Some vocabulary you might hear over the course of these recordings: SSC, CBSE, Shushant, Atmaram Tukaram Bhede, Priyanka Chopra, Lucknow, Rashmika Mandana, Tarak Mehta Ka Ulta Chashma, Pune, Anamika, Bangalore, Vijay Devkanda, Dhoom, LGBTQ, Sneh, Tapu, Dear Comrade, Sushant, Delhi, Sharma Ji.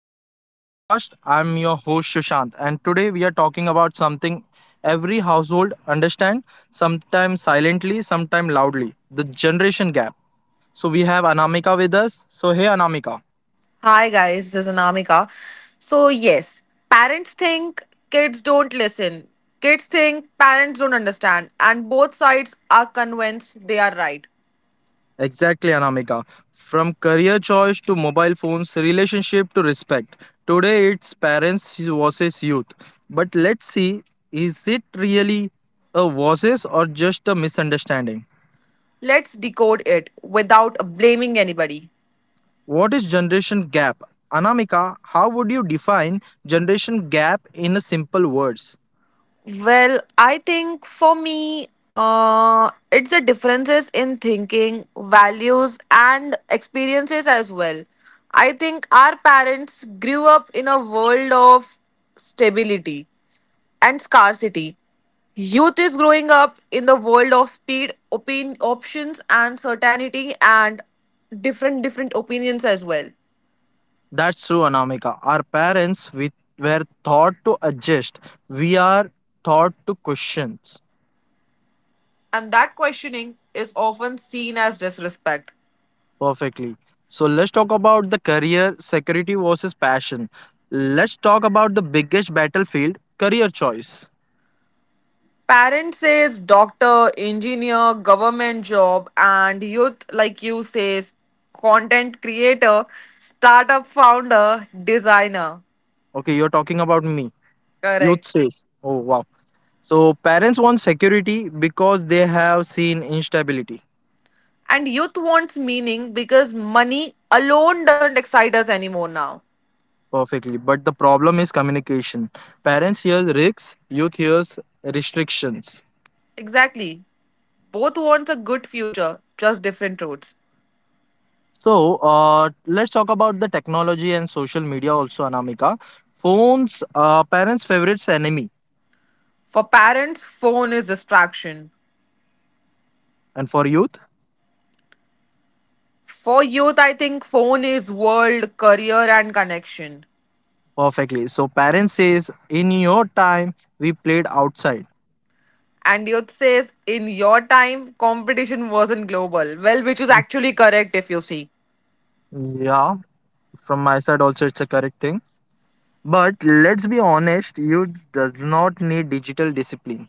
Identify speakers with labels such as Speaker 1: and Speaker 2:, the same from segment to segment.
Speaker 1: podcast. I'm your host, Shushant, and today we are talking about something every household understand, sometimes silently, sometimes loudly the generation gap. So, we have Anamika with us. So, hey, Anamika.
Speaker 2: Hi guys, this is Anamika. So yes, parents think kids don't listen. Kids think parents don't understand, and both sides are convinced they are right.
Speaker 1: Exactly, Anamika. From career choice to mobile phones, relationship to respect. Today, it's parents versus youth. But let's see, is it really a versus or just a misunderstanding?
Speaker 2: Let's decode it without blaming anybody.
Speaker 1: What is generation gap? Anamika, how would you define generation gap in a simple words?
Speaker 2: Well, I think for me it's the differences in thinking, values and experiences as well. I think our parents grew up in a world of stability and scarcity. Youth is growing up in the world of speed, options, and certainty, and different opinions as well.
Speaker 1: That's true, Anamika. Our parents were taught to adjust. We are taught to question.
Speaker 2: And that questioning is often seen as disrespect.
Speaker 1: Perfectly. So let's talk about the career security versus passion. Let's talk about the biggest battlefield, career choice.
Speaker 2: Parents says doctor, engineer, government job, and youth like you says content creator, startup founder, designer.
Speaker 1: Okay, you're talking about me. Youth
Speaker 2: Correct.
Speaker 1: says, oh wow. So parents want security because they have seen instability.
Speaker 2: And youth wants meaning because money alone doesn't excite us anymore now.
Speaker 1: Perfectly. But the problem is communication. Parents hear risks, youth hears restrictions.
Speaker 2: Exactly. Both want a good future, just different roads.
Speaker 1: So let's talk about the technology and social media also, Anamika. Phones, parents' favorites enemy,
Speaker 2: For parents, phone is distraction.
Speaker 1: and for youth.
Speaker 2: For youth, I think phone is world, career, and connection.
Speaker 1: Perfectly. So parents says, in your time, we played outside.
Speaker 2: And youth says, in your time, competition wasn't global. Well, which is actually correct if you see.
Speaker 1: Yeah, from my side also, it's a correct thing. But let's be honest, youth does not need digital discipline.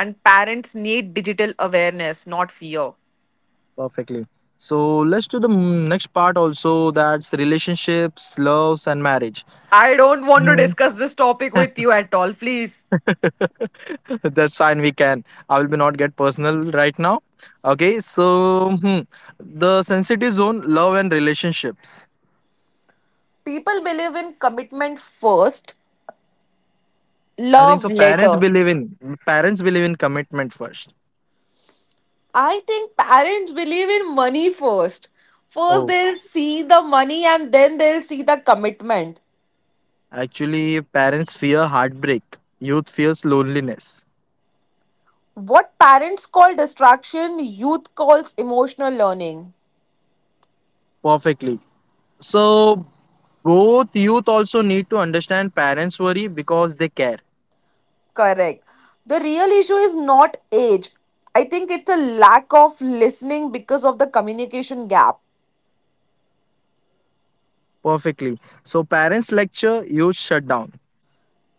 Speaker 2: And parents need digital awareness, not fear.
Speaker 1: Perfectly. So let's do the next part also. That's relationships, loves, and marriage.
Speaker 2: I don't want to
Speaker 1: Mhm.
Speaker 2: discuss this topic with you at all, please.
Speaker 1: That's fine. We can. I will be not get personal right now. Okay. So the sensitive zone, love and relationships.
Speaker 2: People believe in commitment first,
Speaker 1: I think
Speaker 2: love
Speaker 1: so. Parents
Speaker 2: later.
Speaker 1: believe in parents believe in commitment first.
Speaker 2: I think parents believe in money first. First,
Speaker 1: Oh,
Speaker 2: they'll see the money and then they'll see the commitment.
Speaker 1: actually, parents fear heartbreak. Youth fears loneliness.
Speaker 2: What parents call distraction, youth calls emotional learning.
Speaker 1: Perfectly. So both youth also need to understand parents' worry because they care.
Speaker 2: Correct. The real issue is not age. I think it's a lack of listening because of the communication gap.
Speaker 1: Perfectly. So parents lecture, youth shut down.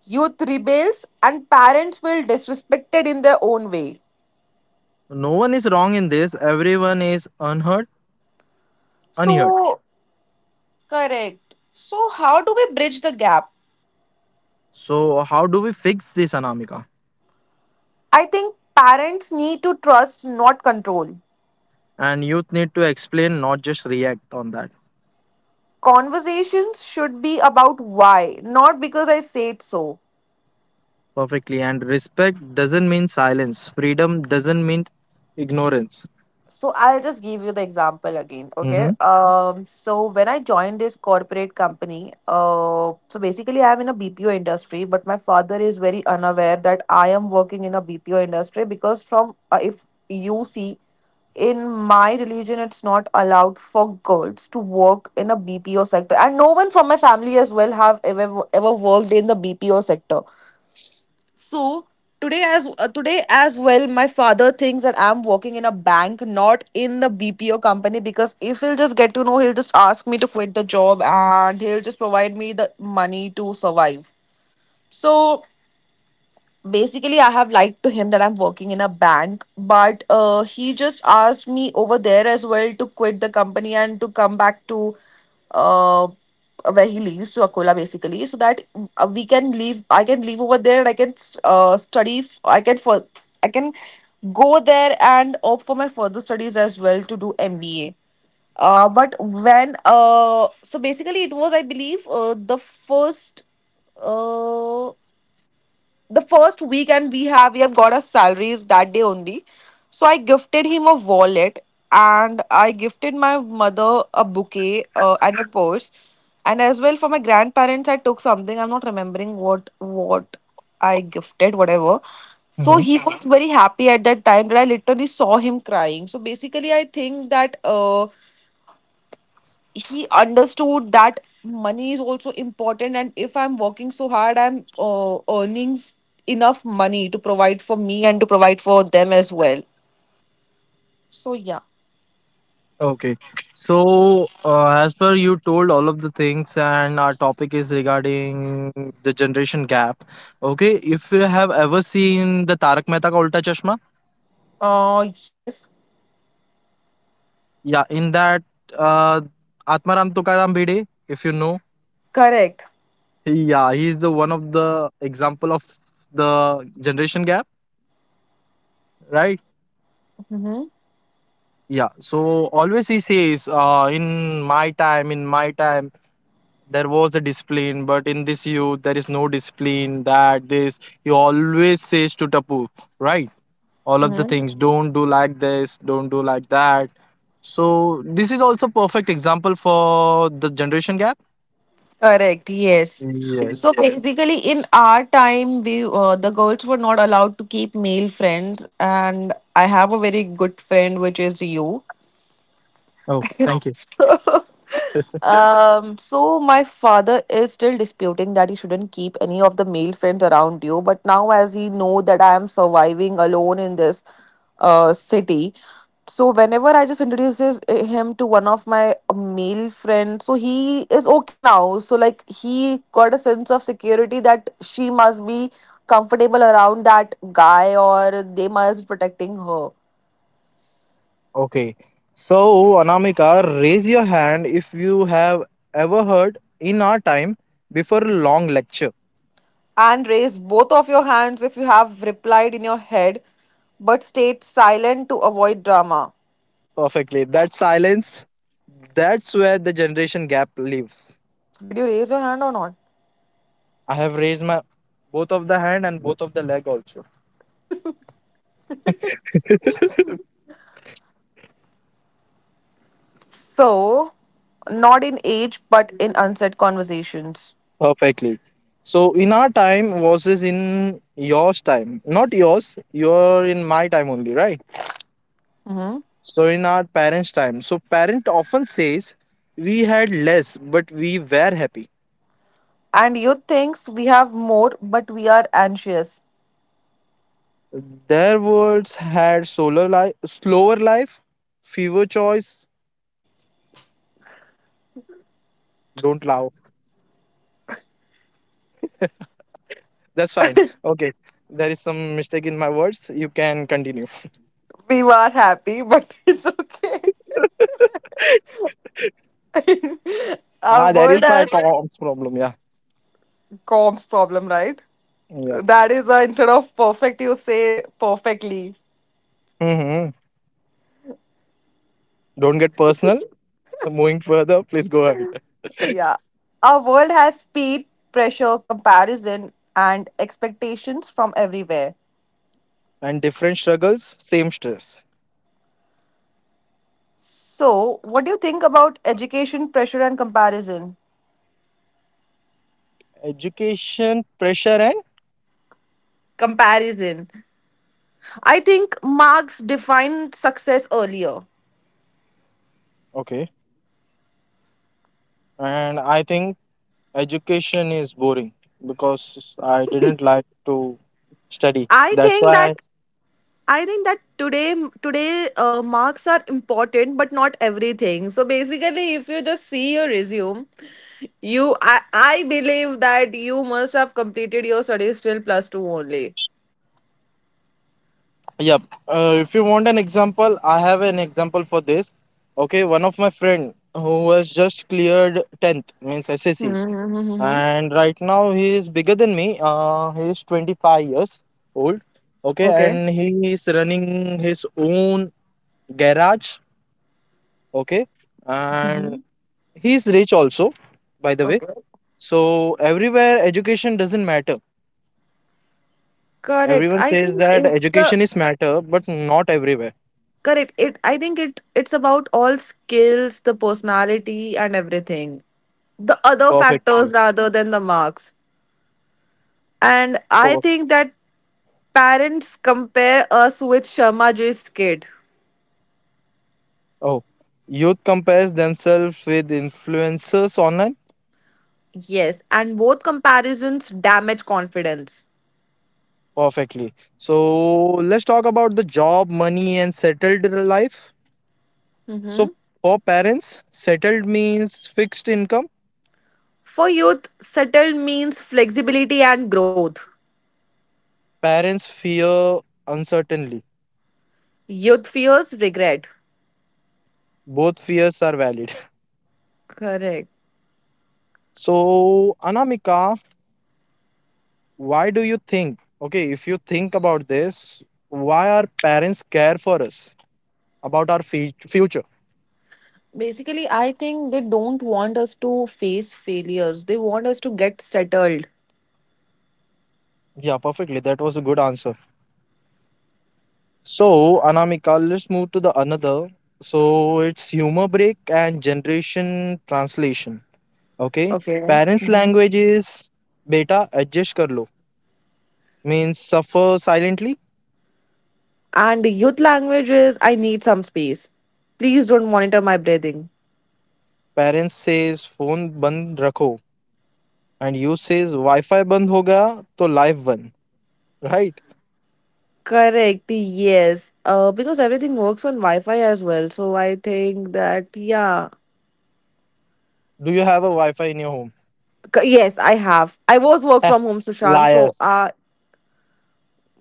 Speaker 2: Youth rebels and parents feel disrespected in their own way.
Speaker 1: No one is wrong in this. Everyone is unheard, unheard.
Speaker 2: So, correct. So, how do we bridge the gap?
Speaker 1: So how do we fix this, Anamika?
Speaker 2: I think parents need to trust, not control.
Speaker 1: And youth need to explain, not just react on that.
Speaker 2: Conversations should be about why, not because I said so.
Speaker 1: Perfectly. And respect doesn't mean silence. Freedom doesn't mean ignorance.
Speaker 2: So I'll just give you the example again, okay?
Speaker 1: Hmm.
Speaker 2: So when I joined this corporate company, so basically I'm in a BPO industry, but my father is very unaware that I am working in a BPO industry because from if you see in my religion it's not allowed for girls to work in a BPO sector, and no one from my family as well have ever worked in the BPO sector. So today as well, my father thinks that I'm working in a bank, not in the BPO company, because if he'll just get to know, he'll just ask me to quit the job and he'll just provide me the money to survive. So basically I have lied to him that I'm working in a bank, but he just asked me over there as well to quit the company and to come back to uh, where he lives, to Akola basically, so that we can leave I can leave over there and I can study f- I can for I can go there and opt for my further studies as well to do MBA. But when So basically it was, I believe, the uh first week and we have got our salaries that day only. So I gifted him a wallet, and I gifted my mother a bouquet, and a purse, and as well for my grandparents I took something, I'm not remembering what I gifted, whatever. So
Speaker 1: Hmm.
Speaker 2: he was very happy at that time, but I literally saw him crying. So basically I think that he understood that money is also important, and if I'm working so hard, I'm earning enough money to provide for me and to provide for them as well. So yeah.
Speaker 1: Okay. So as per you told all of the things, and our topic is regarding the generation gap. Okay. If you have ever seen the Tarak Mehta Ka Ulta Chashma.
Speaker 2: Uh, yes,
Speaker 1: Yeah, in that uh, Atmaram Tukaram Bhede, if you know,
Speaker 2: correct.
Speaker 1: he, yeah, he is the one of the example of the generation gap, right?
Speaker 2: Hmm.
Speaker 1: Yeah. So always he says, in my time, there was a discipline, but in this youth, there is no discipline. That this, he always says to Tapu, right? All of the
Speaker 2: Hmm.
Speaker 1: things, don't do like this, don't do like that. So this is also perfect example for the generation gap.
Speaker 2: Correct, yes.
Speaker 1: Yes.
Speaker 2: So basically, in our time, we the girls were not allowed to keep male friends, and I have a very good friend, which is you.
Speaker 1: Oh, thank you.
Speaker 2: So, so my father is still disputing that you shouldn't keep any of the male friends around you. But now, as he know that I am surviving alone in this city, so whenever I just introduces him to one of my male friends, so he is okay now. So like he got a sense of security that she must be comfortable around that guy, or they must protecting her.
Speaker 1: Okay. So, Anamika, raise your hand if you have ever heard in our time before a long lecture.
Speaker 2: And raise both of your hands if you have replied in your head but stayed silent to avoid drama.
Speaker 1: Perfectly. That silence, that's where the generation gap lives.
Speaker 2: Did you raise your hand or not?
Speaker 1: I have raised my both of the hand and both of the leg also.
Speaker 2: So, not in age but in unsaid conversations.
Speaker 1: Perfectly. So in our time versus in yours time. Not yours, you're in my time only, right?
Speaker 2: Hmm.
Speaker 1: So in our parents' time. So parent often says we had less, but we were happy.
Speaker 2: And you thinks we have more, but we are anxious.
Speaker 1: Their words had solar life, slower life, fewer choice. Don't laugh. That's fine. Okay, there is some mistake in my words. You can continue.
Speaker 2: We are happy, but it's okay. Our
Speaker 1: Ah, there
Speaker 2: world
Speaker 1: is my
Speaker 2: has
Speaker 1: comms problem. Yeah,
Speaker 2: comms problem, right?
Speaker 1: yeah.
Speaker 2: That is why instead of perfect, you say perfectly.
Speaker 1: Hmm. Don't get personal. Moving further, please go ahead.
Speaker 2: Yeah. Our world has speed, pressure, comparison, and expectations from everywhere.
Speaker 1: And different struggles, same stress.
Speaker 2: So, what do you think about education, pressure, and comparison?
Speaker 1: Education, pressure, and.
Speaker 2: Comparison. I think marks define success earlier.
Speaker 1: Okay. And I think education is boring because I didn't like to study.
Speaker 2: I
Speaker 1: That's
Speaker 2: think
Speaker 1: why.
Speaker 2: that I think that today today marks are important, but not everything. So basically, if you just see your resume, I believe that you must have completed your studies till plus two only.
Speaker 1: Yep. If you want an example, I have an example for this. Okay, one of my friend who was just cleared 10th means SSC,
Speaker 2: Mm-hmm.
Speaker 1: and right now he is bigger than me. He is 25 years old. Okay,
Speaker 2: Okay.
Speaker 1: and he is running his own garage. Okay, and
Speaker 2: Hmm.
Speaker 1: he is rich also, by the way.
Speaker 2: Okay.
Speaker 1: So everywhere education doesn't matter.
Speaker 2: Correct.
Speaker 1: Everyone
Speaker 2: I
Speaker 1: says
Speaker 2: think
Speaker 1: that
Speaker 2: it's the
Speaker 1: education is matter, but not everywhere.
Speaker 2: correct. It. I think it. It's about all skills, the personality, and everything. The other factors
Speaker 1: Perfectly.
Speaker 2: rather than the marks. And I think that parents compare us with Sharma Ji's kid.
Speaker 1: Oh, youth compares themselves with influencers online?
Speaker 2: Yes, and both comparisons damage confidence.
Speaker 1: Perfectly. So let's talk about the job, money, and settled life. So
Speaker 2: Hmm.
Speaker 1: for parents, settled means fixed income.
Speaker 2: For youth, settled means flexibility and growth.
Speaker 1: Parents fear uncertainty.
Speaker 2: Youth fears regret.
Speaker 1: Both fears are valid.
Speaker 2: Correct.
Speaker 1: So Anamika, why do you think? Okay, if you think about this, why our parents care for us about our future?
Speaker 2: Basically, I think they don't want us to face failures. They want us to get settled.
Speaker 1: Yeah, perfectly. That was a good answer. So, Anamika, let's move to the another. So, it's humor break and generation translation. Okay,
Speaker 2: Okay.
Speaker 1: parents' language is beta adjust kar lo means suffer silently.
Speaker 2: And youth language is, I need some space. Please don't monitor my breathing.
Speaker 1: Parents says phone band rakho and you says Wi-Fi band ho gaya to life band. Right?
Speaker 2: Correct. Yes. Because everything works on Wi-Fi as well. So I think that, yeah.
Speaker 1: Do you have a Wi-Fi in your home?
Speaker 2: Yes, I have. I was work from home, Sushant.
Speaker 1: Liar.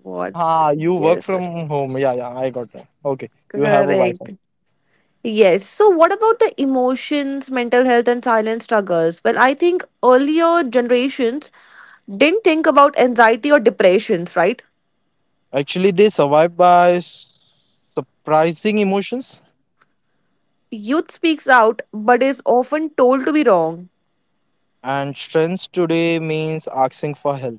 Speaker 2: What?
Speaker 1: Ah, you work
Speaker 2: Yes.
Speaker 1: from home. Yeah, yeah, I got that. Okay, you have a Wi-Fi.
Speaker 2: Correct. Yes. So, what about the emotions, mental health, and silent struggles? Well, I think earlier generations didn't think about anxiety or depressions, right?
Speaker 1: Actually, they survive by surprising emotions
Speaker 2: Youth speaks out, but is often told to be wrong.
Speaker 1: and strengths today means asking for help.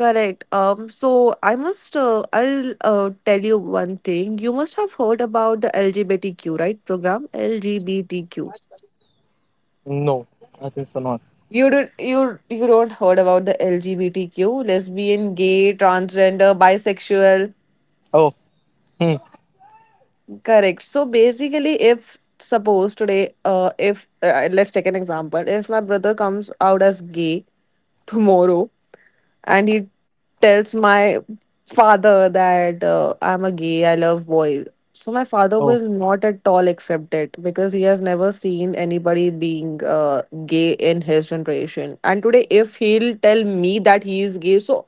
Speaker 2: Correct. So I must. I'll tell you one thing. You must have heard about the LGBTQ, right? Program LGBTQ.
Speaker 1: No, I think so not.
Speaker 2: You don't heard about the LGBTQ, lesbian, gay, transgender, bisexual.
Speaker 1: Oh, hmm.
Speaker 2: Correct. So basically, if suppose today, if let's take an example, if my brother comes out as gay tomorrow and he tells my father that I'm a gay, I love boys. So my father
Speaker 1: Oh,
Speaker 2: will not at all accept it because he has never seen anybody being gay in his generation. And today, if he'll tell me that he is gay, so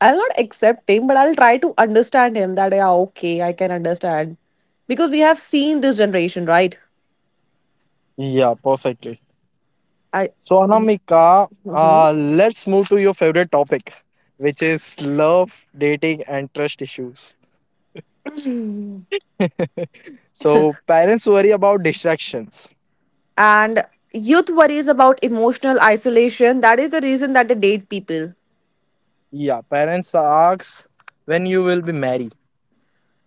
Speaker 2: I'll not accept him, but I'll try to understand him that yeah, okay, I can understand because we have seen this generation, right?
Speaker 1: yeah, perfectly.
Speaker 2: I.
Speaker 1: So, Anamika,
Speaker 2: Mhm.
Speaker 1: let's move to your favorite topic, which is love, dating, and trust issues. So, parents worry about distractions.
Speaker 2: And youth worries about emotional isolation. That is the reason that they date people.
Speaker 1: Yeah, parents ask when you will be married.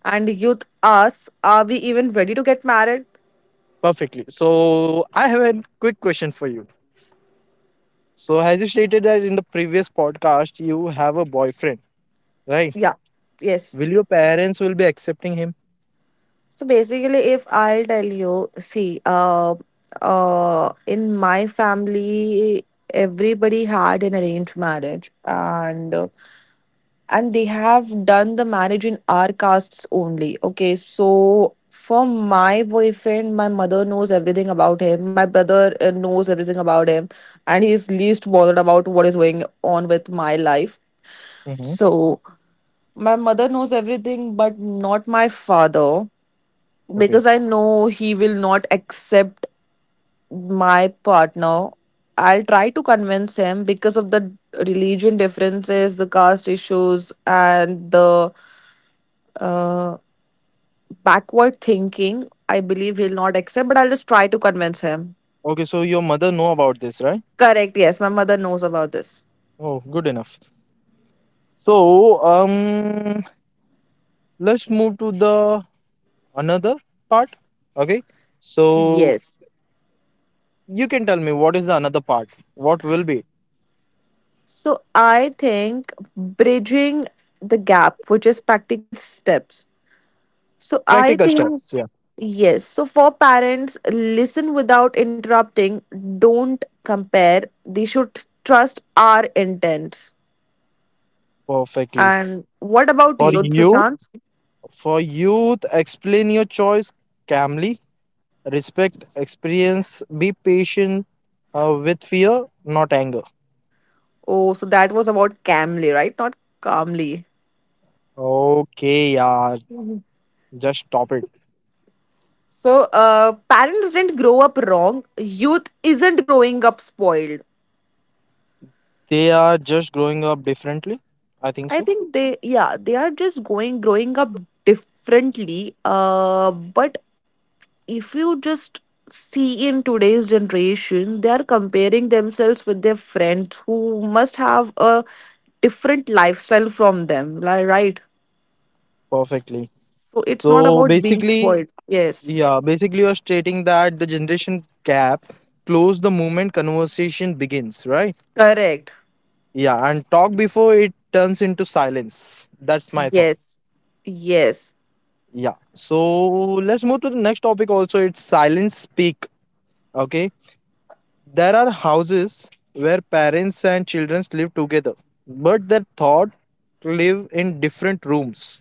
Speaker 2: And youth asks, are we even ready to get married?
Speaker 1: Perfectly. So, I have a quick question for you. So, as you stated that in the previous podcast, you have a boyfriend, right?
Speaker 2: Yeah, yes.
Speaker 1: Will your parents will be accepting him?
Speaker 2: So basically, if I'll tell you, see, in my family, everybody had an arranged marriage, and they have done the marriage in our castes only. Okay, so for my boyfriend, my mother knows everything about him. My brother knows everything about him, and he is least bothered about what is going on with my life.
Speaker 1: Mm-hmm.
Speaker 2: So my mother knows everything, but not my father,
Speaker 1: Okay.
Speaker 2: because I know he will not accept my partner. I'll try to convince him because of the religion differences, the caste issues, and the uh, backward thinking. I believe he'll not accept, but I'll just try to convince him.
Speaker 1: Okay. So your mother know about this, right?
Speaker 2: Correct, yes, my mother knows about this.
Speaker 1: Oh, good enough. So let's move to the another part. Okay. So
Speaker 2: Yes.
Speaker 1: you can tell me what is the another part? What will be
Speaker 2: So I think bridging the gap, which is practical steps. So I
Speaker 1: practical
Speaker 2: think,
Speaker 1: steps? Yeah,
Speaker 2: yes. So for parents, listen without interrupting. Don't compare. They should trust our intents.
Speaker 1: perfectly.
Speaker 2: And what about
Speaker 1: For
Speaker 2: you,
Speaker 1: youth,
Speaker 2: Sushant?
Speaker 1: for youth, explain your choice calmly, respect experience, be patient with fear, not anger.
Speaker 2: Oh, so that was about Camly, right? Not calmly.
Speaker 1: Okay, yeah, just stop it.
Speaker 2: So parents didn't grow up wrong. Youth isn't growing up spoiled.
Speaker 1: They are just growing up differently, I think
Speaker 2: I
Speaker 1: so.
Speaker 2: think they, yeah, they are just going growing up differently. But If you just see in today's generation, they are comparing themselves with their friends who must have a different lifestyle from them, right?
Speaker 1: Perfectly.
Speaker 2: So it's not
Speaker 1: So
Speaker 2: about being
Speaker 1: basically,
Speaker 2: spoiled. Yes,
Speaker 1: yeah, basically you're stating that the generation gap close the moment conversation begins, right?
Speaker 2: correct.
Speaker 1: Yeah, and talk before it turns into silence. That's my thought.
Speaker 2: Yes, yes,
Speaker 1: Yeah, so let's move to the next topic also. It's silence speak. Okay. There are houses where parents and children live together, but their thought live in different rooms.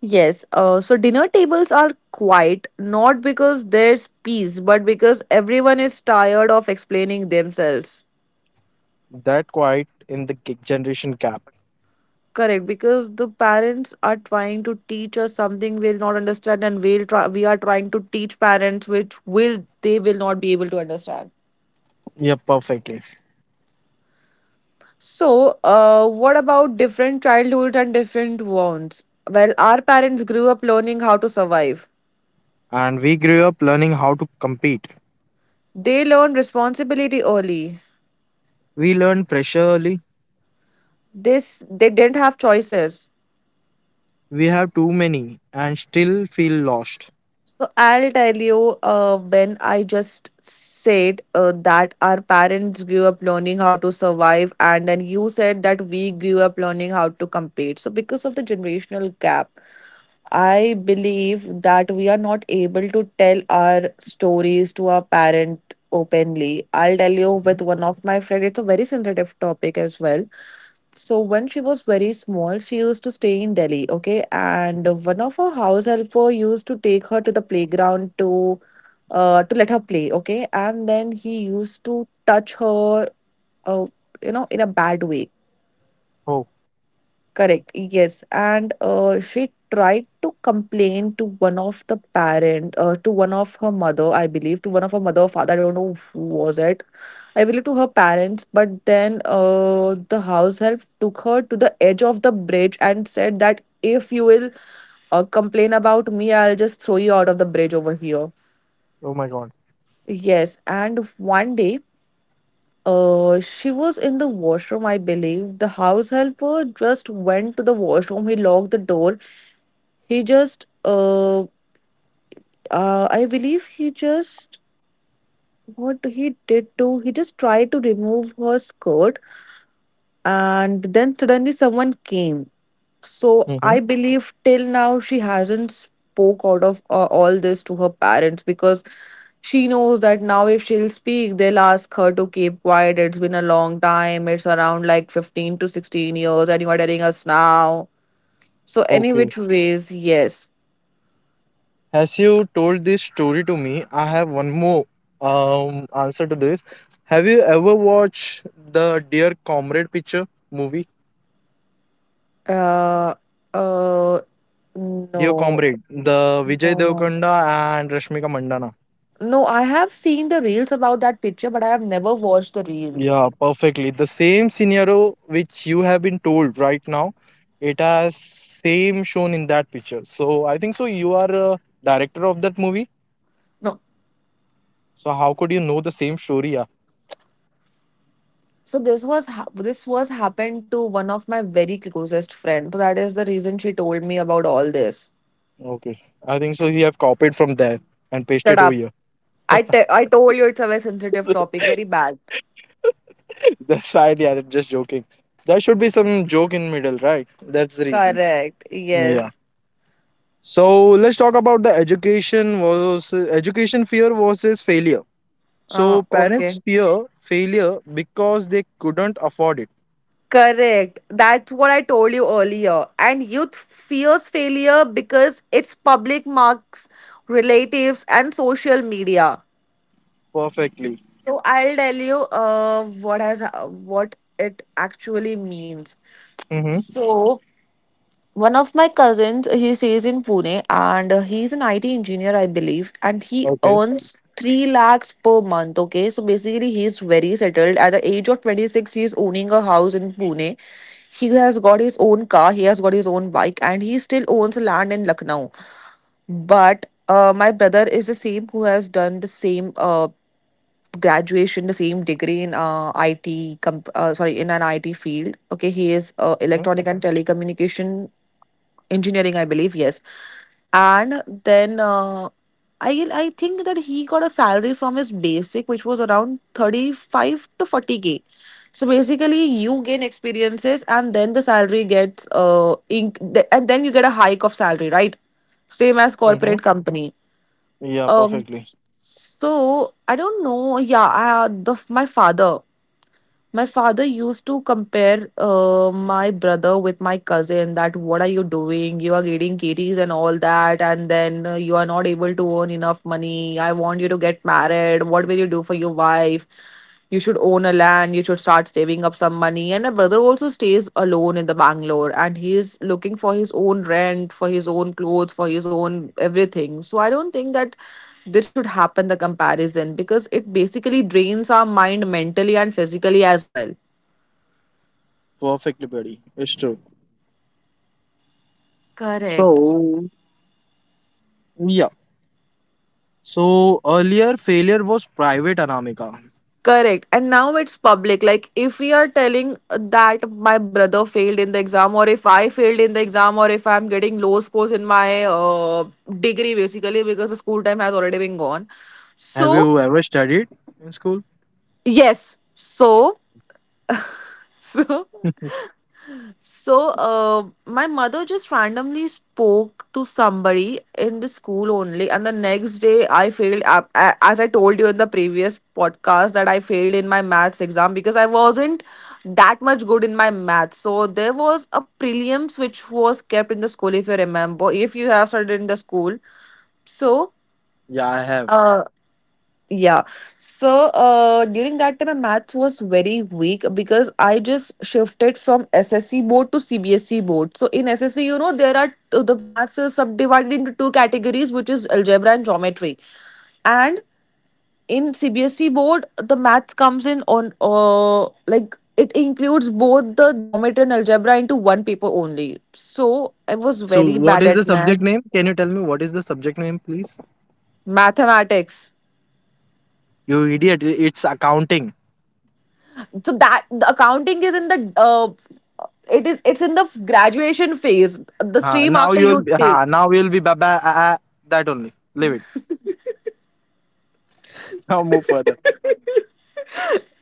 Speaker 2: yes. So dinner tables are quiet not because there's peace, but because everyone is tired of explaining themselves.
Speaker 1: That quite in the generation gap.
Speaker 2: Correct, because the parents are trying to teach us something we'll not understand, and we are trying to teach parents which will they will not be able to understand.
Speaker 1: Yeah, perfectly.
Speaker 2: So, what about different childhoods and different wants? Well, our parents grew up learning how to survive.
Speaker 1: And we grew up learning how to compete.
Speaker 2: They learned responsibility early.
Speaker 1: We learn pressure early.
Speaker 2: This they didn't have choices.
Speaker 1: We have too many and still feel lost.
Speaker 2: So I'll tell you when I just said that our parents grew up learning how to survive, and then you said that we grew up learning how to compete. So, because of the generational gap, I believe that we are not able to tell our stories to our parent openly. I'll tell you
Speaker 1: Mhm.
Speaker 2: with one of my friend. It's a very sensitive topic as well. So when she was very small, she used to stay in Delhi, okay? And one of her house helper used to take her to the playground to let her play, okay? And then he used to touch her uh, in a bad way.
Speaker 1: Oh,
Speaker 2: Correct. Yes, and she tried to complain to one of the parent, to one of her mother, I believe, to one of her mother or father. I don't know who was it. I believe to her parents, but then the house help took her to the edge of the bridge and said that if you will complain about me, I'll just throw you out of the bridge over here.
Speaker 1: oh my God.
Speaker 2: Yes, and one day, she was in the washroom, I believe. The house helper just went to the washroom. He locked the door. He just, I believe he just, what he did to, he just tried to remove her skirt, and then suddenly someone came. So
Speaker 1: Hmm.
Speaker 2: I believe till now she hasn't spoke out of all this to her parents because she knows that now if she'll speak, they'll ask her to keep quiet. It's been a long time. It's around like 15 to 16 years, and you are telling us now. So any
Speaker 1: Okay.
Speaker 2: which ways, yes.
Speaker 1: As you told this story to me, I have one more answer to this. Have you ever watched the Dear Comrade picture movie?
Speaker 2: uh uh
Speaker 1: Dear
Speaker 2: No,
Speaker 1: Comrade, the Vijay
Speaker 2: no, no.
Speaker 1: Devkanda and Rashmika Mandana.
Speaker 2: No, I have seen the reels about that picture, but I have never watched the reels.
Speaker 1: Yeah, perfectly. The same scenario which you have been told right now, it has same shown in that picture. So I think so. You are a director of that movie.
Speaker 2: No.
Speaker 1: So how could you know the same story? Yeah.
Speaker 2: So this was this was happened to one of my very closest friend. So that is the reason she told me about all this.
Speaker 1: Okay. I think so. He have copied from there and
Speaker 2: Shut
Speaker 1: pasted over
Speaker 2: up.
Speaker 1: here.
Speaker 2: I told you it's a very sensitive topic, very bad.
Speaker 1: That's fine, yeah. I'm just joking. There should be some joke in middle, right? That's the reason.
Speaker 2: Correct.
Speaker 1: Yeah.
Speaker 2: Yes.
Speaker 1: So let's talk about the education was education fear versus failure. So
Speaker 2: Okay.
Speaker 1: parents fear failure because they couldn't afford it.
Speaker 2: Correct. That's what I told you earlier. And youth fears failure because it's public marks, relatives, and social media.
Speaker 1: Perfectly.
Speaker 2: So I'll tell you what has what it actually means.
Speaker 1: Mm-hmm.
Speaker 2: So one of my cousins, he stays in Pune, and he's an IT engineer, I believe, and he
Speaker 1: Okay.
Speaker 2: earns three lakhs per month. Okay, so basically he's very settled. At the age of 26, he's owning a house in Pune. He has got his own car. He has got his own bike, and he still owns land in Lucknow. But my brother is the same who has done the same graduation, the same degree in sorry, in an IT field, okay. He
Speaker 1: Mm-hmm.
Speaker 2: is electronic and telecommunication engineering, I believe. Yes. And then I think that he got a salary from his basic which was around 35 to 40K. So basically you gain experiences and then the salary gets inc- and then you get a hike of salary, right? Same
Speaker 1: Mm-hmm.
Speaker 2: as corporate company.
Speaker 1: Yeah, perfectly.
Speaker 2: um, so I don't know. Yeah, I, the my father used to compare my brother with my cousin. That what are you doing? You are getting kitties and all that, and then you are not able to earn enough money. I want you to get married. What will you do for your wife? You should own a land. You should start saving up some money. And my brother also stays alone in the Bangalore and he is looking for his own rent, for his own clothes, for his own everything. So I don't think that this should happen, the comparison, because it basically drains our mind mentally and physically as well.
Speaker 1: Perfectly, buddy. It's true.
Speaker 2: Correct.
Speaker 1: So, yeah. So earlier failure was private, Anamika.
Speaker 2: Correct. And now it's public. Like, if we are telling that my brother failed in the exam, or if I failed in the exam, or if I'm getting low scores in my degree, basically, because the school time has already been gone.
Speaker 1: Have
Speaker 2: So,
Speaker 1: you ever studied in school?
Speaker 2: yes. So, so, so, my mother just randomly spoke to somebody in the school only, and the next day I failed. Ap- a- As I told you in the previous podcast, that I failed in my maths exam because I wasn't that much good in my maths. So there was a prelims which was kept in the school, if you remember, if you have studied in the school. So,
Speaker 1: Yeah, I have.
Speaker 2: uh, yeah. So during that time, my math was very weak because I just shifted from SSC board to CBSE board. So in SSC, you know, there are the maths is subdivided into two categories, which is algebra and geometry. And in CBSE board, the maths comes in on like it includes both the geometry and algebra into one paper only. So I was
Speaker 1: So,
Speaker 2: very
Speaker 1: what
Speaker 2: bad
Speaker 1: is the
Speaker 2: at
Speaker 1: subject
Speaker 2: maths,
Speaker 1: name? Can you tell me what is the subject name, please?
Speaker 2: mathematics.
Speaker 1: You idiot! It's accounting.
Speaker 2: So that the accounting is in the it's in the graduation phase, the stream after you take
Speaker 1: Now you'll be baba that only. Leave it. Now move further.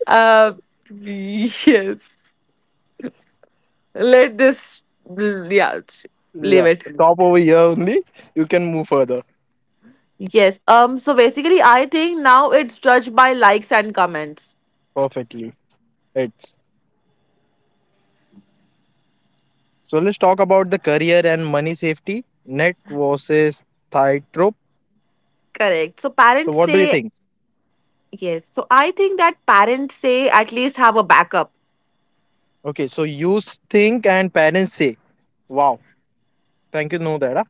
Speaker 2: uh yes, let this, yeah, leave
Speaker 1: Yeah,
Speaker 2: it.
Speaker 1: stop over here only. You can move further.
Speaker 2: Yes. So basically I think now it's judged by likes and comments.
Speaker 1: Perfectly. It's so let's talk about the career and money safety net versus tightrope.
Speaker 2: Correct. So
Speaker 1: So,
Speaker 2: parents
Speaker 1: what do you
Speaker 2: say,
Speaker 1: think?
Speaker 2: yes. So I think that parents say at least have a backup.
Speaker 1: Okay, so you think and parents say, "Wow, thank you, know that." Huh?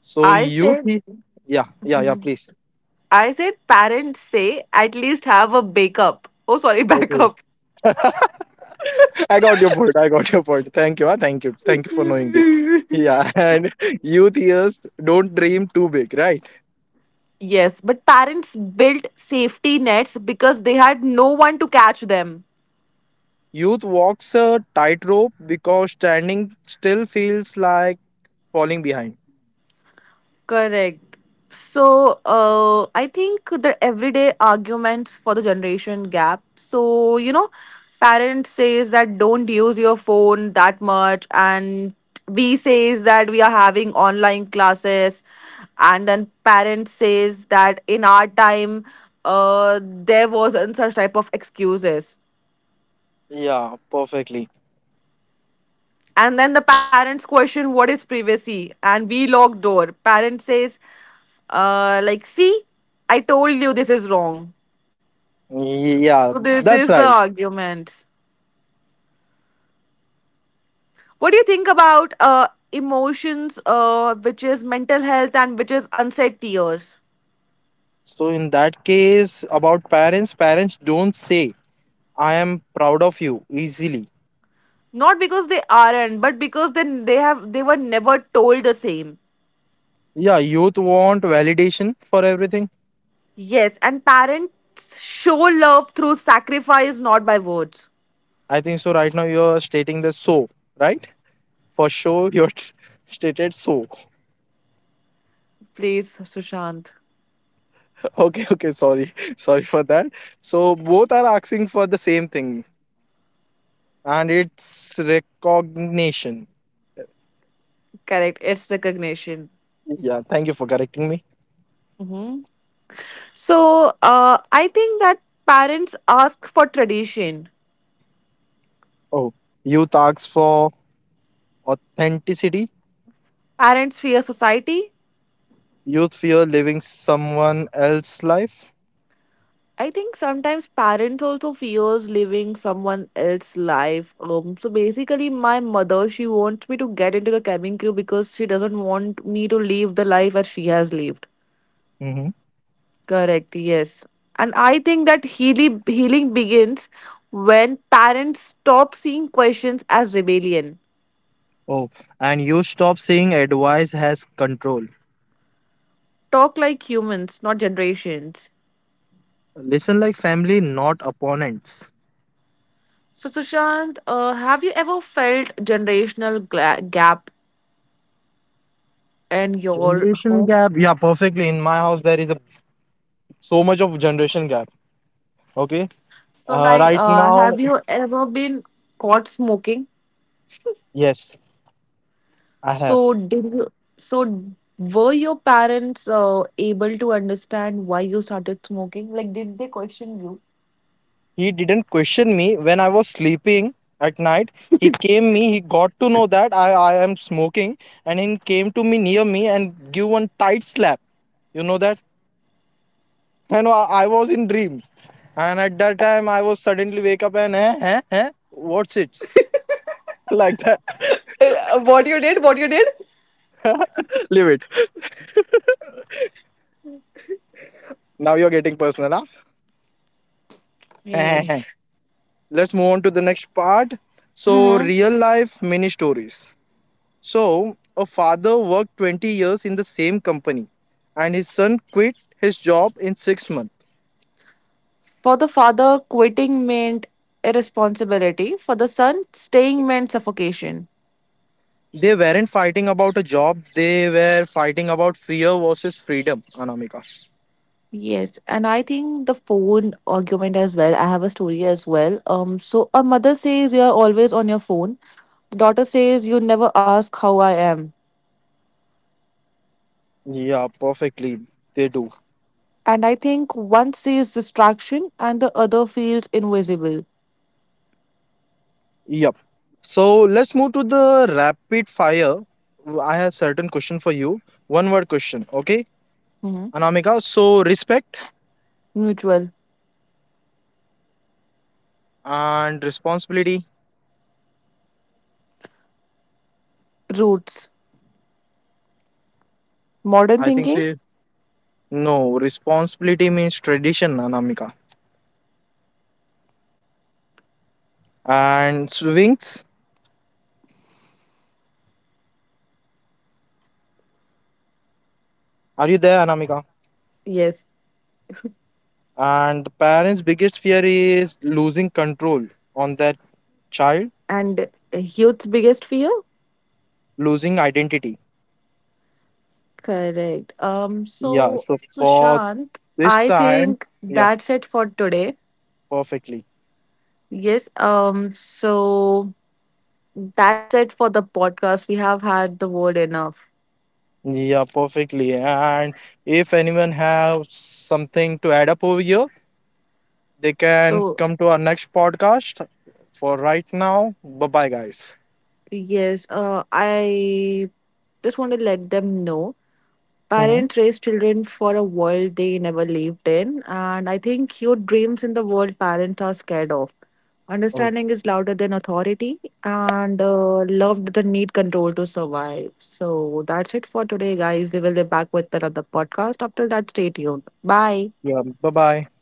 Speaker 1: So
Speaker 2: I
Speaker 1: you
Speaker 2: said,
Speaker 1: thi- yeah, yeah, yeah. Please.
Speaker 2: I said parents say at least have a backup. Oh, sorry,
Speaker 1: Okay.
Speaker 2: backup.
Speaker 1: I got your point. I got your point. Thank you. Thank you. Thank you for knowing this. Yeah, and youth years don't dream too big, right?
Speaker 2: Yes, but parents built safety nets because they had no one to catch them.
Speaker 1: Youth walks a tightrope because standing still feels like falling behind.
Speaker 2: Correct. So, I think the everyday arguments for the generation gap. So, you know, parents says that don't use your phone that much, and we says that we are having online classes, and then parents says that in our time, there wasn't such type of excuses.
Speaker 1: Yeah, perfectly.
Speaker 2: And then the parents question what is privacy and we lock door. Parent says, like, see, I told you this is wrong.
Speaker 1: Yeah,
Speaker 2: So this
Speaker 1: that's
Speaker 2: is the
Speaker 1: right.
Speaker 2: argument. What do you think about emotions, which is mental health and which is unsaid tears?
Speaker 1: So in that case, about parents, parents don't say I am proud of you easily.
Speaker 2: Not because they aren't, but because then they were never told the same.
Speaker 1: Yeah, youth want validation for everything.
Speaker 2: Yes, and parents show love through sacrifice, not by words.
Speaker 1: I think so. Right now you are stating the so, right? For sure you're stated so.
Speaker 2: Please, Sushant.
Speaker 1: Okay, okay, sorry. Sorry for that. So both are asking for the same thing, and it's recognition.
Speaker 2: Correct. It's recognition.
Speaker 1: Yeah, thank you for correcting me.
Speaker 2: Mhm. So I think that parents ask for tradition.
Speaker 1: Oh, youth asks for authenticity.
Speaker 2: Parents fear society.
Speaker 1: Youth fear living someone else's life.
Speaker 2: I think sometimes parents also fears living someone else's life. So basically, my mother, she wants me to get into the cabin crew because she doesn't want me to live the life as she has lived.
Speaker 1: Hmm.
Speaker 2: Correct. Yes, and I think that healing begins when parents stop seeing questions as rebellion.
Speaker 1: Oh, and you stop saying advice has control.
Speaker 2: Talk like humans, not generations.
Speaker 1: Listen like family, not opponents.
Speaker 2: So, Sushant, have you ever felt generational gap in your
Speaker 1: Generation
Speaker 2: home?
Speaker 1: gap, yeah, perfectly. In my house there is a so much of generation gap. Okay.
Speaker 2: So, like,
Speaker 1: Right
Speaker 2: have
Speaker 1: now,
Speaker 2: you ever been caught smoking?
Speaker 1: yes, I
Speaker 2: So,
Speaker 1: have.
Speaker 2: did you, so were your parents able to understand why you started smoking? Like, did they question you?
Speaker 1: He didn't question me when I was sleeping at night. He came me, he got to know that I am smoking, and he came to me near me and give one tight slap. You know that? And I was in dream. And at that time, I was suddenly wake up and, what's it? Like that.
Speaker 2: What you did? What you did?
Speaker 1: Leave it. Now you're getting personal, huh?
Speaker 2: Hey.
Speaker 1: Let's move on to the next part. So,
Speaker 2: Mm-hmm.
Speaker 1: real life mini stories. So, a father worked 20 years in the same company and his son quit his job in 6 months.
Speaker 2: For the father, quitting meant irresponsibility. For the son, staying meant suffocation.
Speaker 1: They weren't fighting about a job, they were fighting about fear versus freedom, Anamika.
Speaker 2: Yes, and I think the phone argument as well. I have a story as well. So a mother says you're always on your phone. The daughter says you never ask how I am.
Speaker 1: Yeah, perfectly. They do.
Speaker 2: And I think one sees distraction and the other feels invisible.
Speaker 1: Yep. So, let's move to the rapid fire. I have certain question for you. One word question, okay?
Speaker 2: Hmm.
Speaker 1: Anamika, so respect
Speaker 2: Mutual
Speaker 1: and responsibility.
Speaker 2: roots, modern
Speaker 1: I think
Speaker 2: thinking.
Speaker 1: so. No, responsibility means tradition, Anamika. And swings, are you there, Anamika?
Speaker 2: Yes,
Speaker 1: And the parents' biggest fear is losing control on that child,
Speaker 2: and youth's biggest fear.
Speaker 1: losing identity.
Speaker 2: Correct.
Speaker 1: Yeah,
Speaker 2: So,
Speaker 1: so
Speaker 2: so
Speaker 1: for
Speaker 2: Shant,
Speaker 1: this
Speaker 2: I
Speaker 1: time,
Speaker 2: think
Speaker 1: yeah,
Speaker 2: that's it for today.
Speaker 1: perfectly.
Speaker 2: Yes. So, that's it for the podcast. We have had the word enough.
Speaker 1: Yeah, perfectly. And if anyone has something to add up over here, they can
Speaker 2: So,
Speaker 1: come to our next podcast. For right now, bye bye, guys.
Speaker 2: yes, I just want to let them know.
Speaker 1: Hmm.
Speaker 2: Parents raise children for a world they never lived in, and I think your dreams in the world parents are scared of.
Speaker 1: Oh,
Speaker 2: Understanding is louder than authority, and love doesn't need control to survive. So that's it for today, guys. We will be back with another podcast. Up till that, stay tuned. Bye.
Speaker 1: yeah, bye bye.